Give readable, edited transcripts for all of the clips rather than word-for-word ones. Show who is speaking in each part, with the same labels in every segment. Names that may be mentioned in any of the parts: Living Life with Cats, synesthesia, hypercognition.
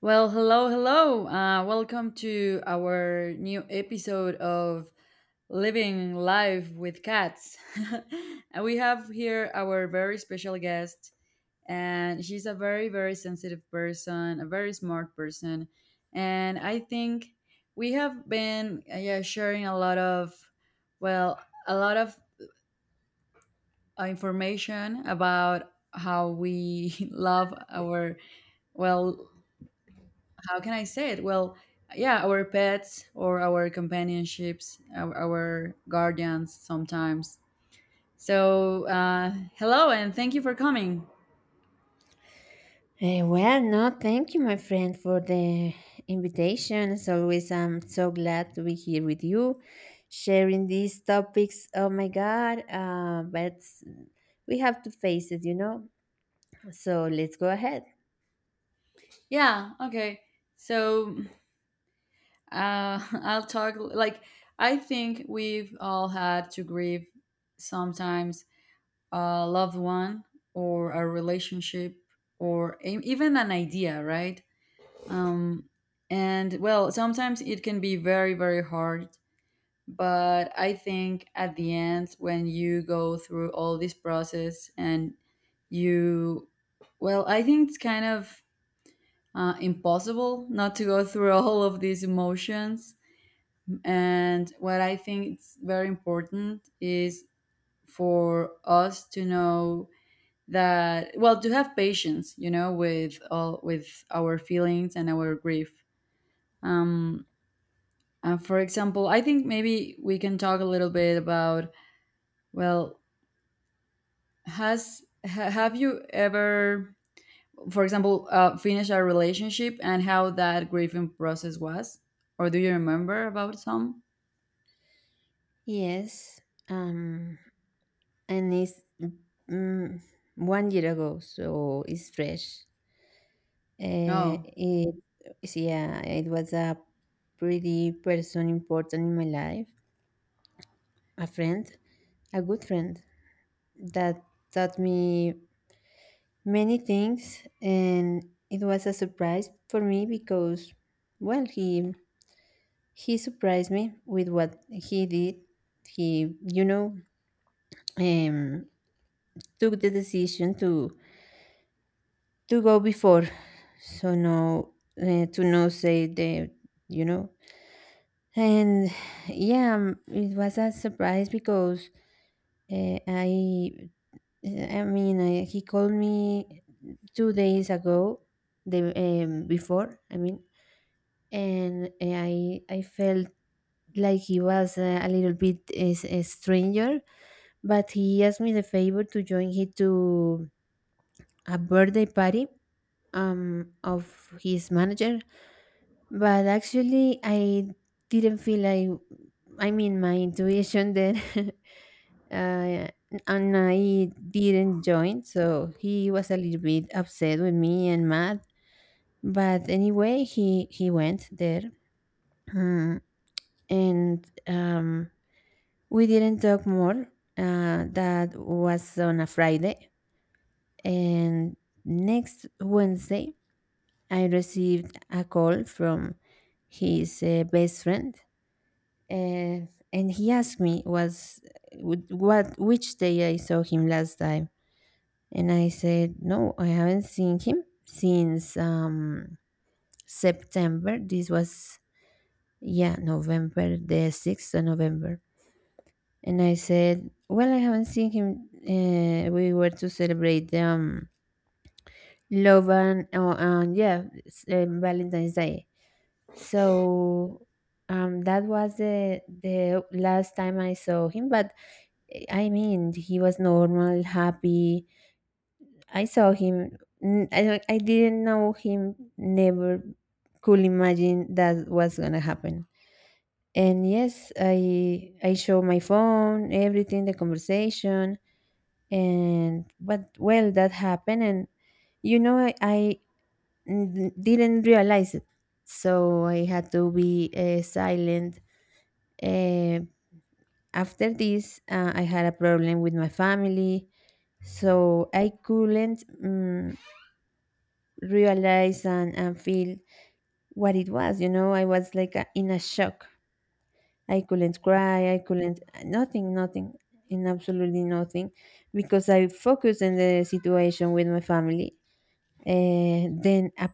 Speaker 1: Well, hello, hello. Welcome to our new episode of Living Life with Cats. And we have here our very special guest, and she's a very, very sensitive person, a very smart person. And I think we have been yeah, sharing a lot of, well, a lot of information about how we love our, well, how can I say it? Well, yeah, our pets or our companionships, our guardians sometimes. So, hello and thank you for coming.
Speaker 2: Well, no, thank you, my friend, for the invitation. As always, I'm so glad to be here with you, sharing these topics. Oh my God, but we have to face it, you know. So let's go ahead.
Speaker 1: Yeah, okay. So, I'll talk like I think we've all had to grieve sometimes a loved one or a relationship or even an idea, right? Um, and well, sometimes it can be very, very hard, but I think at the end when you go through all this process and you well, I think it's kind of impossible not to go through all of these emotions. And what I think it's very important is for us to know that, well, to have patience, with all with our feelings and our grief. um for example, I think maybe we can talk a little bit about, well, have you ever, for example, finished a relationship and how that grieving process was, or do you remember about some.
Speaker 2: Yes, um, and it's mm, one year ago, so it's fresh. Uh,
Speaker 1: Oh,
Speaker 2: it, yeah, it was a pretty person important in my life, a friend, a good friend that taught me many things, and it was a surprise for me because, well, he surprised me with what he did. He, um took the decision to go before, so no, to no say the, you know and yeah, it was a surprise because uh, i I mean, he called me 2 days ago, the, before. I mean, and I felt like he was, a little bit is a stranger, but he asked me the favor to join him to a birthday party, of his manager. But actually, I didn't feel like, I mean, my intuition then uh, and I didn't join, so he was a little bit upset with me and mad. But anyway, he went there, Mm, and we didn't talk more. That was on a Friday, and next Wednesday, I received a call from his, best friend, uh, and he asked me was what which day I saw him last time. And I said, "No, I haven't seen him since, September." This was, yeah, November, the 6th of November. And I said, "Well, I haven't seen him. We were to celebrate, Love and, oh, and yeah, Valentine's Day." So that was the last time I saw him. But I mean, he was normal, happy. I saw him. I didn't know him. Never could imagine that was gonna happen. And yes, I show my phone, everything, the conversation, and but well, that happened, and you know, I didn't realize it, so I had to be, silent. Uh, After this, I had a problem with my family, so I couldn't. Realize and feel what it was, you know. I was like a, in a shock. I couldn't cry, I couldn't, nothing, nothing, in absolutely nothing, because I focused in the situation with my family. Then a,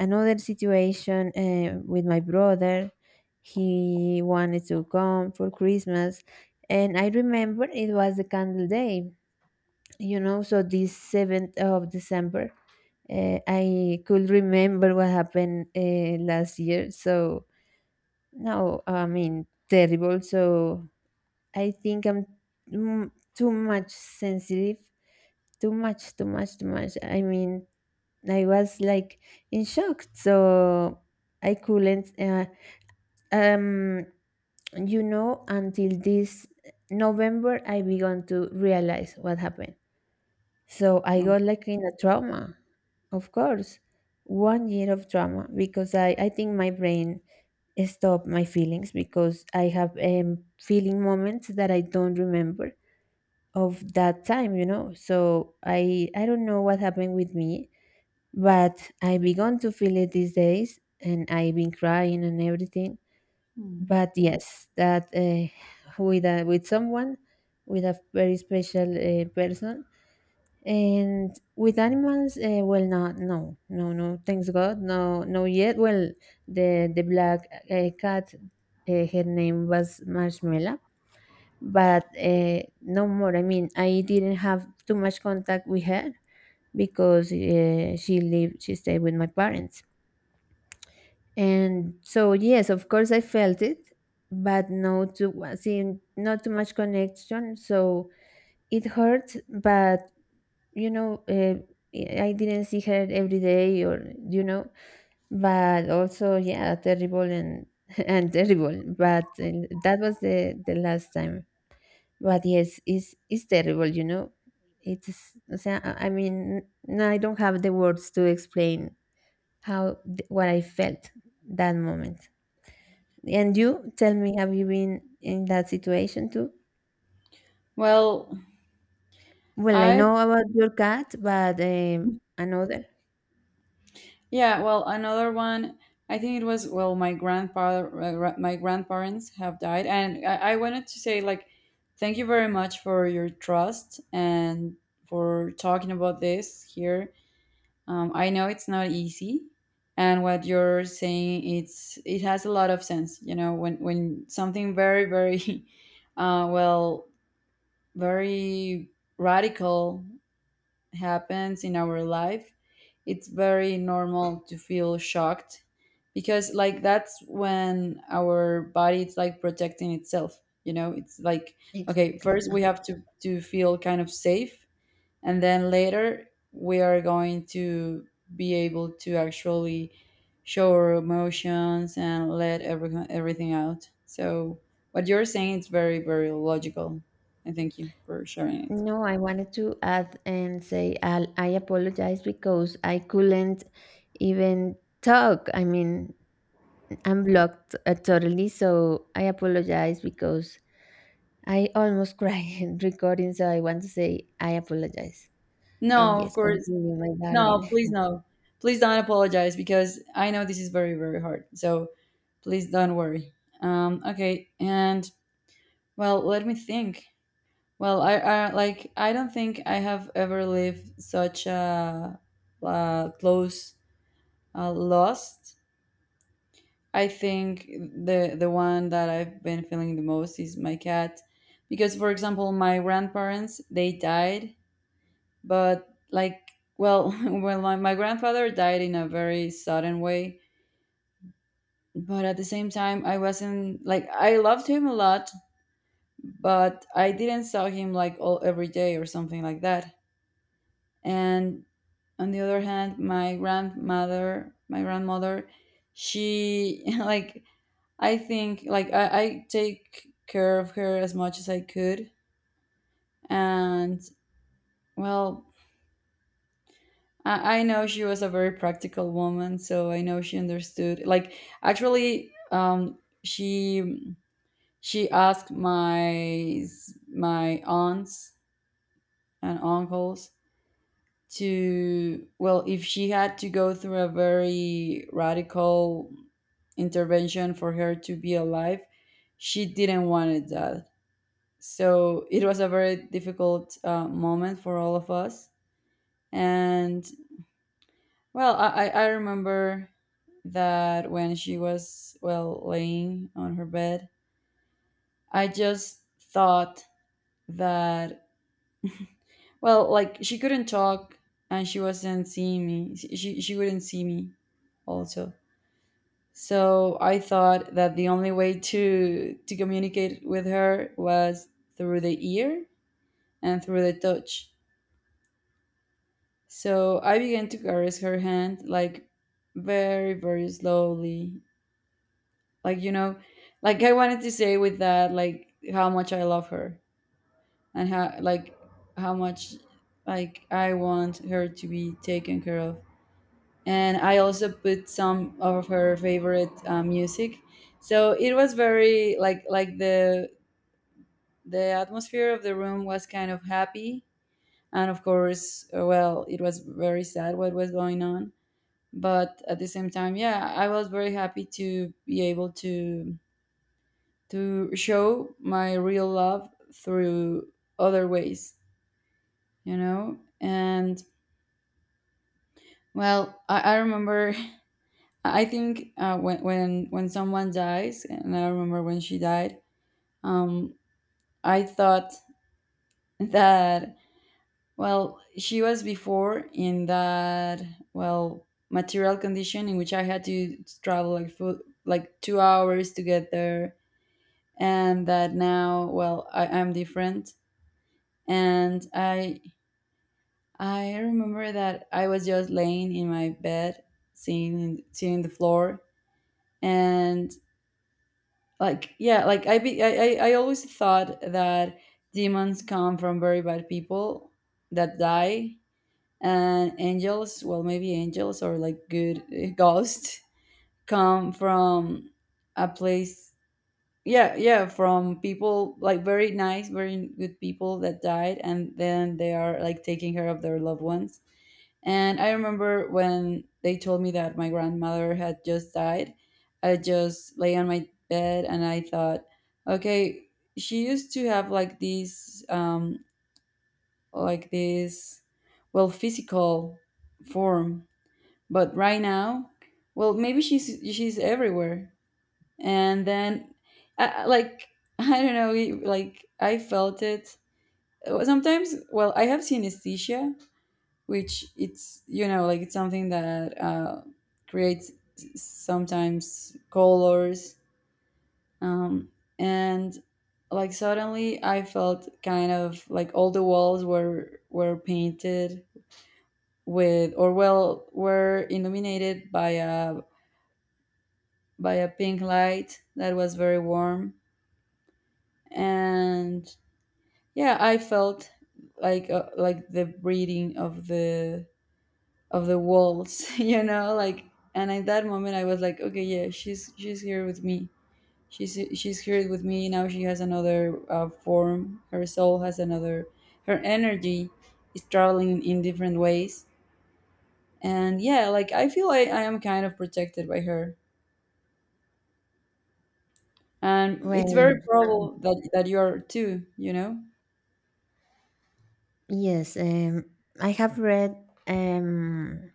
Speaker 2: another situation, with my brother, he wanted to come for Christmas, and I remember it was the candle day, you know, so this 7th of December. I could remember what happened, last year. So no, I mean, terrible. So I think I'm, too much sensitive, too much, too much, too much. I mean, I was like in shock. So I couldn't. Um, you know, until this November, I began to realize what happened. So I
Speaker 1: no.
Speaker 2: got like in a trauma, of course, one year of trauma because I think my brain stopped my feelings because I have, feeling moments that I don't remember of that time, you know. So I don't know what happened with me, but I began to feel it these days, and I've been crying and everything.
Speaker 1: Hmm.
Speaker 2: But yes, that, with a, with someone, with a very special, person, and with animals, well, not no, no, no. Thanks God, no, no yet. Well, the black, cat, her name was Marshmallow, but no more. I mean, I didn't have too much contact with her because, she lived, she stayed with my parents, and so yes, of course, I felt it, but no, too, see, not too much connection. So it hurt, but you know, I didn't see her every day, or you know. But also, yeah, terrible and and terrible, but that was the last time. But yes, it's terrible, you know. It's o sea, I mean, I don't have the words to explain how, what I felt that moment. And you tell me, have you been in that situation too?
Speaker 1: Well,
Speaker 2: Well, I
Speaker 1: I
Speaker 2: know about your cat, but another.
Speaker 1: yeah, well, another one. I think it was, well, my grandfather, my grandparents have died, and I wanted to say like thank you very much for your trust and for talking about this here. I know it's not easy, and what you're saying, it has a lot of sense. You know, when something very very well, very radical happens in our life, it's very normal to feel shocked, because like that's when our body it's like protecting itself. You know, it's like, okay,
Speaker 2: Exactly.
Speaker 1: first we have to feel kind of safe, and then later we are going to be able to actually show our emotions and let everything out. So what you're saying is very very logical, and thank you for sharing it.
Speaker 2: No, I wanted to add and say, I apologize because I couldn't even talk. I mean, I'm blocked, totally, so I apologize because I almost cried recording. So I want to say I apologize. And
Speaker 1: No, of
Speaker 2: yes,
Speaker 1: course.
Speaker 2: continue, my
Speaker 1: No,
Speaker 2: darling.
Speaker 1: please. No, please don't apologize, because I know this is very very hard, so please don't worry. Okay, and well, let me think. Well, I like I don't think I have ever lived such a close loss. I think the one that I've been feeling the most is my cat, because for example, my grandparents they died, but like, well, well, my grandfather died in a very sudden way. But at the same time, I wasn't like I loved him a lot, but I didn't saw him like all every day or something like that, and on the other hand, my grandmother she like I think like I take care of her as much as I could. And, well, I know she was a very practical woman, so I know she understood like, actually, um, she she asked my aunts and uncles to, well, if she had to go through a very radical intervention for her to be alive, she didn't want it that, so it was a very difficult moment for all of us. And, well, I remember that when she was, well, laying on her bed, I just thought that, well, like she couldn't talk, and she wasn't seeing me, she wouldn't see me also. So I thought that the only way to communicate with her was through the ear and through the touch. So I began to caress her hand, like, very very slowly. Like, you know, like I wanted to say with that, like, how much I love her, and how like how much like I want her to be taken care of. And I also put some of her favorite music, so it was very like the. The atmosphere of the room was kind of happy, and of course, well, it was very sad what was going on. But at the same time, yeah, I was very happy to be able to show my real love through other ways, you know. And, well, I remember. I think when when someone dies, and I remember when she died, um, I thought that, well, she was before in that, well, material condition in which I had to travel like for like 2 hours to get there, and that now, well, I am different. And I remember that I was just laying in my bed, seeing the floor, and like, yeah, like I be, I always thought that demons come from very bad people that die, and angels, well, maybe angels, or like good ghosts come from a place, yeah, yeah, from people like very nice very good people that died and then they are like taking care of their loved ones. And I remember when they told me that my grandmother had just died, I just lay on my bed and I thought, okay, she used to have like this, well, physical form, but right now, well, maybe she's everywhere. And then like I don't know, like I felt it. Sometimes, well, I have synesthesia, which it's like it's something that creates sometimes colors, um, and like suddenly I felt kind of like all the walls were painted with, or, well, were illuminated by a pink light that was very warm. And, yeah, I felt like the breathing of the walls, you know, like. And at that moment I was like, okay, yeah, she's here with me, she's here with me now. She has another form. Her soul has another, her energy is traveling in different ways. And, yeah, like I feel I am kind of protected by her, and it's very
Speaker 2: Well,
Speaker 1: probable that that you are too, you know.
Speaker 2: yes, I have read, um,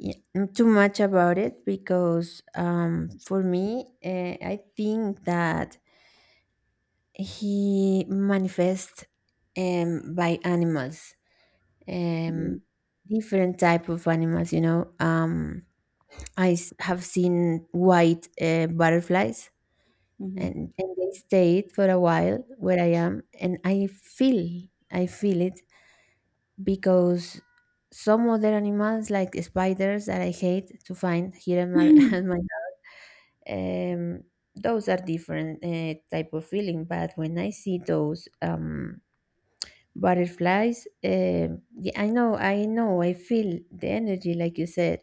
Speaker 2: y- too much about it because, for me, I think that He manifests, by animals,
Speaker 1: Mhm.
Speaker 2: um, different type of animals. You know, have seen white, butterflies,
Speaker 1: Mhm.
Speaker 2: and they stayed for a while where I am, and I feel, I feel it because some other animals like spiders that I hate to find here in my, at my, um, those are different, type of feeling. But when I see those, butterflies, yeah, I know, I know I feel the energy like you said.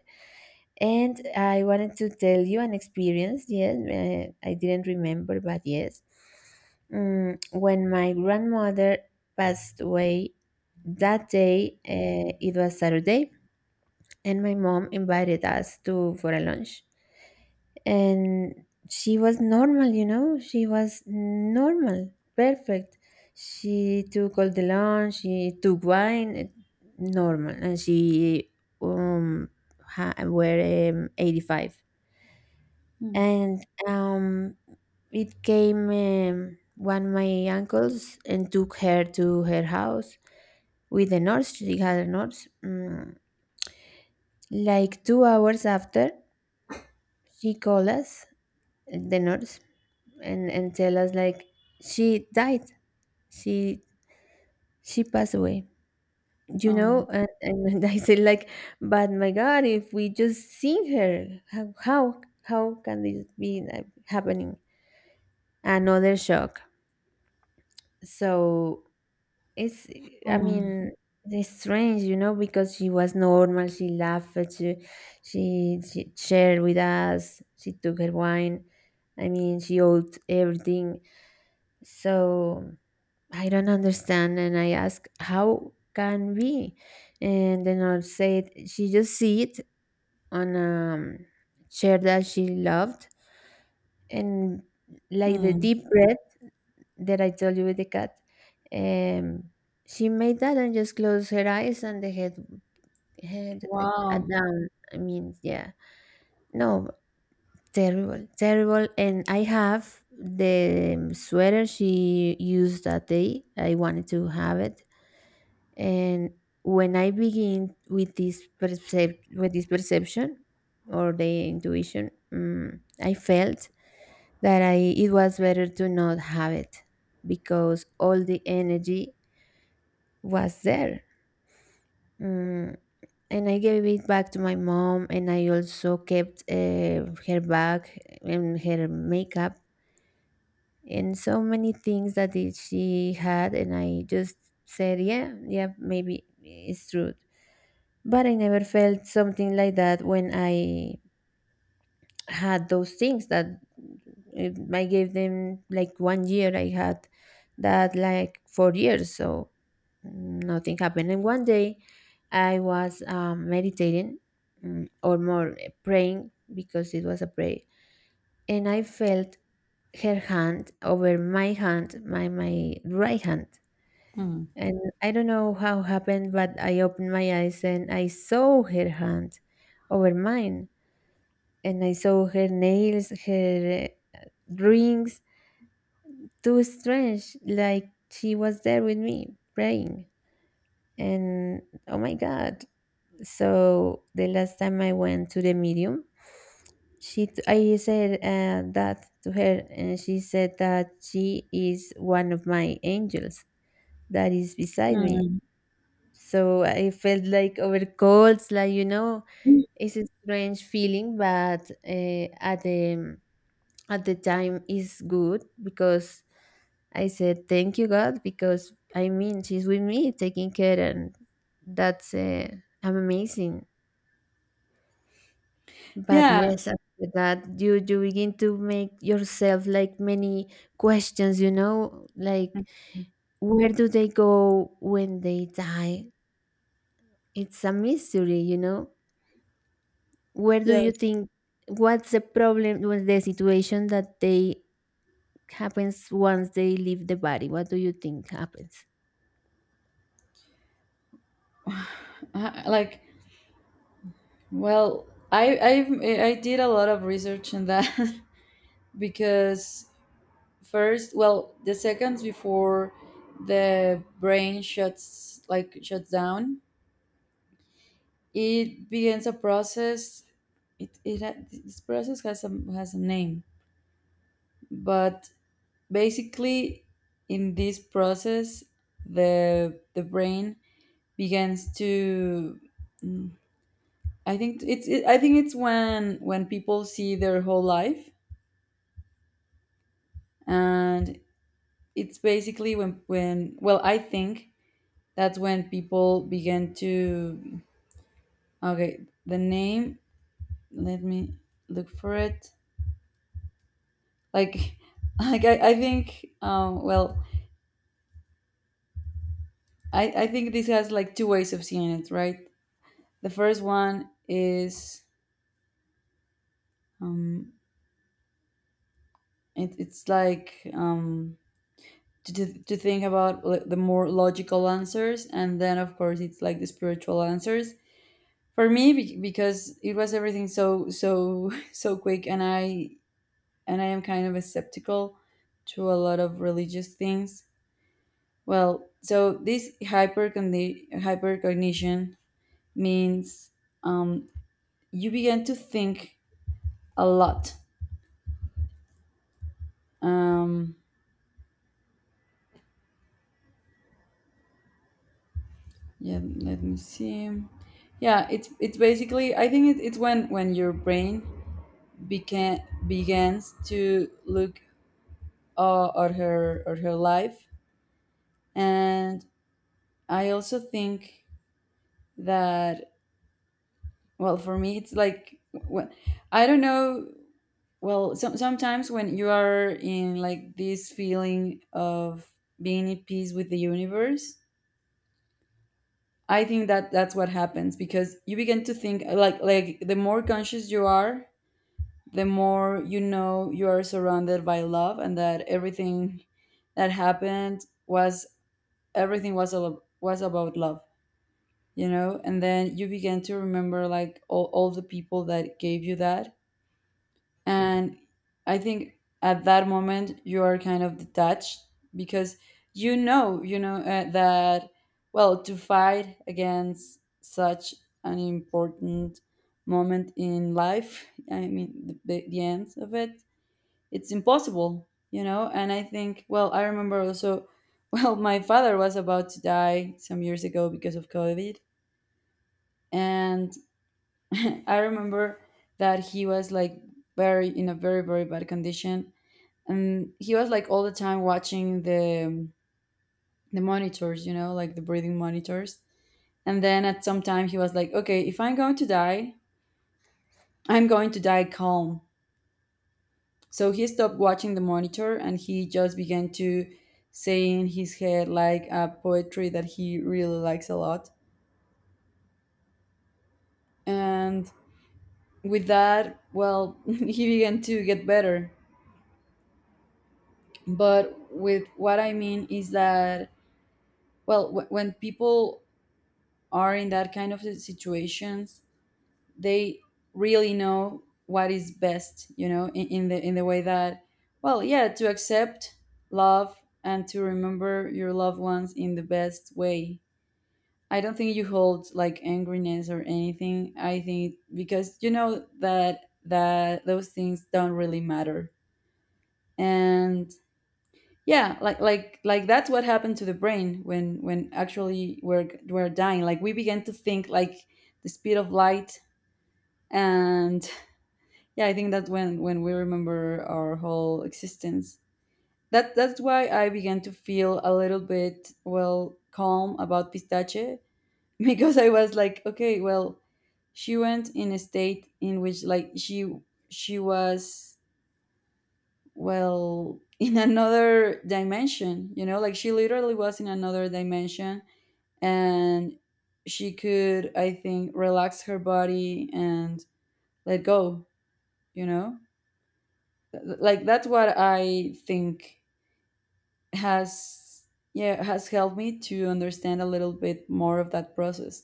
Speaker 2: And I wanted to tell you an experience, yes, I didn't remember, but yes. When my grandmother passed away that day, it was Saturday, and my mom invited us to for a lunch, and she was normal, you know. She was normal, perfect. She took all the loan, she took wine, normal, and she, um were, 85.
Speaker 1: Mm.
Speaker 2: And it came, one of my uncles, and took her to her house with the nurse. She had a nurse. Like 2 hours after, she called us, the nurse, and tell us like she died. she she passed away, you know.
Speaker 1: Oh,
Speaker 2: And I said like, but my God, if we just seen her, how, how can this be like happening? Another shock. So it's, I
Speaker 1: mm,
Speaker 2: mean, it's strange, you know, because she was normal, she laughed, she, she shared with us, she took her wine. I mean, she owed everything. So I don't understand. And I ask, how can we? And the nurse said, she just see it on a, chair that she loved. And like the
Speaker 1: mm.
Speaker 2: deep breath that I told you with the cat, um, she made that and just closed her eyes and the head, head,
Speaker 1: Wow.
Speaker 2: down. I mean, yeah. No, terrible, terrible. And I have the sweater she used that day. I wanted to have it, and when I begin with this, with this perception, or the intuition, I felt that, I, it was better to not have it because all the energy was there. Mm, and I gave it back to my mom, and I also kept, her bag and her makeup, and so many things that it- she had. And I just said, yeah, yeah, maybe it's true. But I never felt something like that when I had those things. That it, I gave them like one year. I had that like 4 years, so nothing happened. And one day I was, meditating, praying, because it was a prayer. And I felt her hand over my hand, my right hand.
Speaker 1: Mm.
Speaker 2: And I don't know how happened, but I opened my eyes and I saw her hand over mine. And I saw her nails, her, rings. Too strange, like she was there with me praying. And oh my God. So the last time I went to the medium, I said, that to her, and she said that she is one of my angels that is beside me.
Speaker 1: Mm.
Speaker 2: So I felt like over colds, like you know, it's a strange feeling, but at the time is good because I said thank you God, because I mean she's with me taking care, and that's, amazing. But
Speaker 1: Yeah.
Speaker 2: yes, after that you begin to make yourself like many questions, you know, like where do they go when they die? It's a mystery, you know. Where do you
Speaker 1: Yes.
Speaker 2: think, what's the problem with the situation that they, happens once they leave the body, what do you think happens?
Speaker 1: Like, well, I did a lot of research in that. Because first, well, the seconds before the brain shuts like shuts down, it begins a process. It this process has a name. But basically, in this process, the brain begins to. Mm, I think it's. I think it's when people see their whole life, and it's basically when when. Well, I think that's when people begin to. Okay, the name. Let me look for it. Like, like I think. Well, I think this has like two ways of seeing it, right? The first one is um it's like to think about, like, the more logical answers, and then, of course, it's like the spiritual answers. For me because it was everything so so quick, and I and I am kind of a skeptical to a lot of religious things. Well, so this hypercognition means, um, you begin to think a lot. Um, yeah, let me see. Yeah, it's basically I think, it's when your brain began begins to look at her or her life. And I also think that, well, for me it's like, when I don't know, well, some sometimes when you are in like this feeling of being at peace with the universe, I think that that's what happens because you begin to think like the more conscious you are, the more you know you are surrounded by love, and that everything that happened was, everything was was about love, you know. And then you begin to remember like, all the people that gave you that. And I think at that moment you are kind of detached, because you know that, well, to fight against such an important moment in life, I mean, the end of it, it's impossible, you know. And I think, well, I remember also well, my father was about to die some years ago because of COVID. And I remember that he was like very in a very very bad condition, and he was like all the time watching the monitors, you know, like the breathing monitors. And then at some time he was like, okay, if I'm going to die, I'm going to die calm. So he stopped watching the monitor, and he just began to say in his head like a poetry that he really likes a lot. And with that, well, he began to get better. But with what I mean is that, well, when people are in that kind of situations, they really know what is best, you know, in the, in the way that, well, yeah, to accept love and to remember your loved ones in the best way. I don't think you hold like angriness or anything, I think, because you know that that those things don't really matter. And, yeah, like like that's what happened to the brain when actually we're dying. Like we began to think like the speed of light, and, yeah, I think that's when we remember our whole existence. That's why I began to feel a little bit, well, calm about pistache, because I was like, okay, well, she went in a state in which like she was, well, in another dimension, you know, like she literally was in another dimension, and she could I think relax her body and let go, you know? Like that's what I think has, yeah, has helped me to understand a little bit more of that process.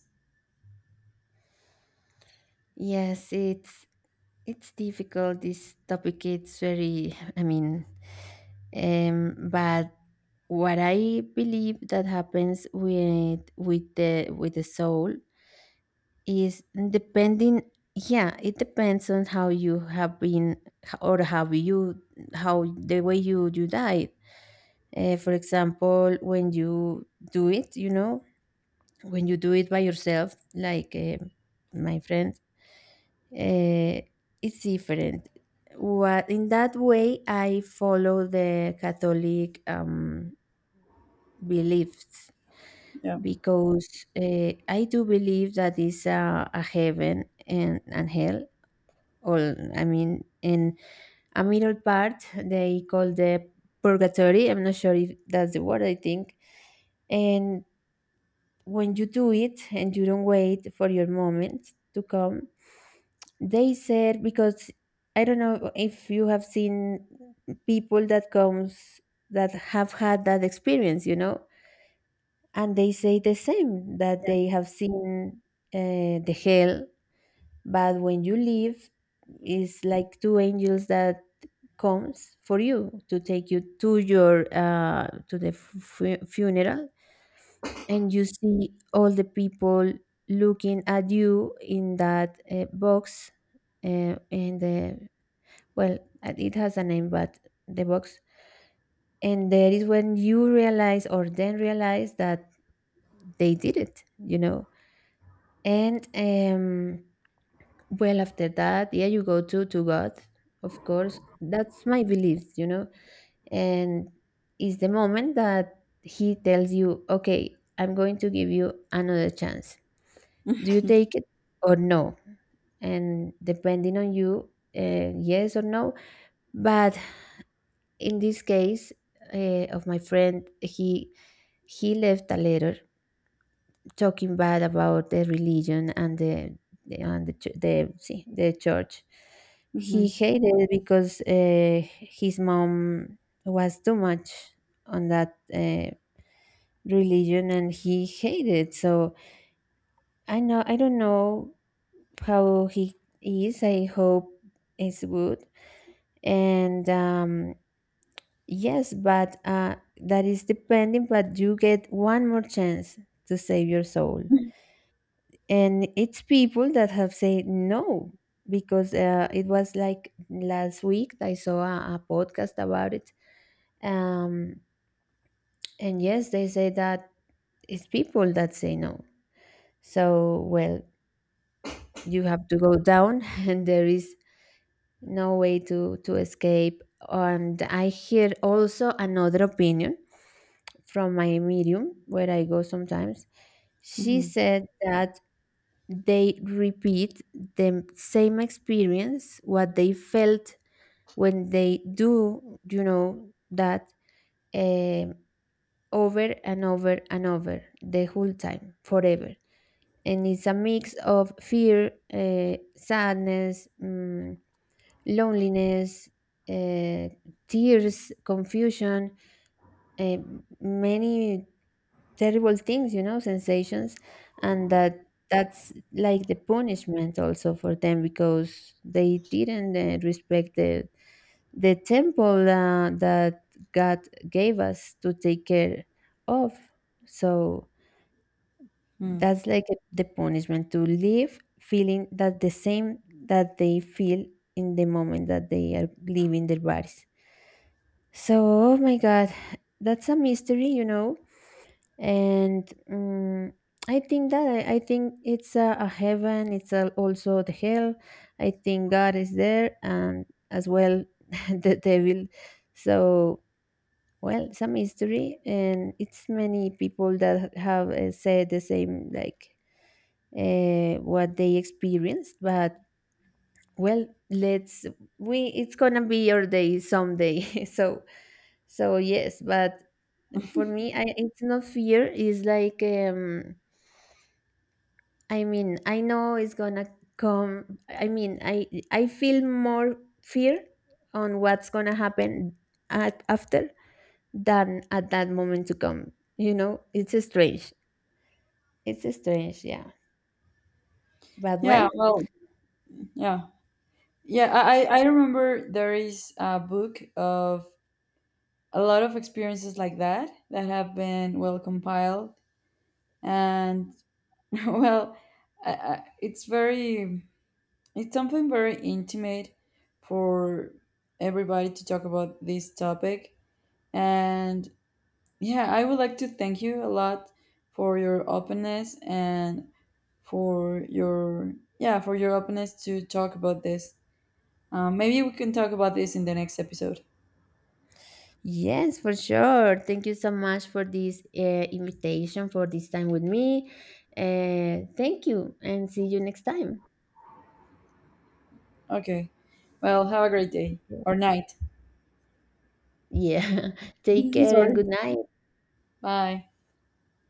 Speaker 2: Yes, it's difficult this topic, it's very, I mean, but what I believe that happens with the soul is depending. Yeah, it depends on how you have been, or how you, how the way you you died. For example, when you do it, you know, when you do it by yourself, like my friend, uh, it's different. What in that way, I follow the Catholic, beliefs,
Speaker 1: Yeah.
Speaker 2: because I do believe that is a heaven and hell. All I mean, in a middle part they call the purgatory. I'm not sure if that's the word. I think, and when you do it and you don't wait for your moment to come, they said because I don't know if you have seen people that comes that have had that experience, and they say the same that
Speaker 1: Yes.
Speaker 2: they have seen the hell. But when you leave, it's like two angels that comes for you to take you to your funeral, and you see all the people looking at you in that box, in the well it has a name, but the box. And that is when you realize, or then realize that they did it. And well after that, yeah, you go to God. Of course, that's my beliefs. And is the moment that he tells you, okay, I'm going to give you another chance. Do you take it or no? And depending on you, yes or no. But in this case of my friend, he left a letter talking bad about the religion and the- and the ch- the, see, the church. He
Speaker 1: Hmm.
Speaker 2: hated it because his mom was too much on that religion, and he hated. So I know I don't know how he is. I hope it's good. And Yes, but that is depending. But you get one more chance to save your soul, and it's people that have said no because it was like last week I saw a podcast about it. Um, and yes, they say that it's people that say no. So, well, you have to go down, and there is no way to escape. And I hear also another opinion from my medium where I go sometimes. She
Speaker 1: Hmm.
Speaker 2: said that they repeat the same experience, what they felt when they do, you know that, um, over and over and over the whole time forever. And it's a mix of fear, sadness, loneliness, uh, tears, confusion, uh, many terrible things, you know, sensations. And that's like the punishment also for them because they didn't respect the temple, that God gave us to take care of. So that's like the punishment, to live feeling that the same that they feel in the moment that they are leaving their bodies. So, oh my God, that's a mystery, you know. And I think that I think it's a heaven. It's a, also the hell. I think God is there, and as well the devil. So, well, it's a mystery, and it's many people that have said the same, like what they experienced. But, well, let's we. It's gonna be your day someday. So. So yes, but for me, it's not fear, it's like I mean, I know it's gonna come. I mean, I feel more fear on what's gonna happen at, after, than at that moment to come. You know, it's strange. It's strange, yeah, but
Speaker 1: Yeah,
Speaker 2: well,
Speaker 1: well, yeah. Yeah, I remember there is a book of a lot of experiences like that that have been well compiled. And, well, I, I, it's very, it's something very intimate for everybody to talk about this topic. And, yeah, I would like to thank you a lot for your openness and for your, yeah, for your openness to talk about this. Maybe we can talk about this in the next episode.
Speaker 2: yes, for sure. Thank you so much for this invitation, for this time with me. Thank you, and see you next time.
Speaker 1: Okay. Well, have a great day or night.
Speaker 2: Yeah. Take care and
Speaker 1: Sorry.
Speaker 2: good night.
Speaker 1: Bye.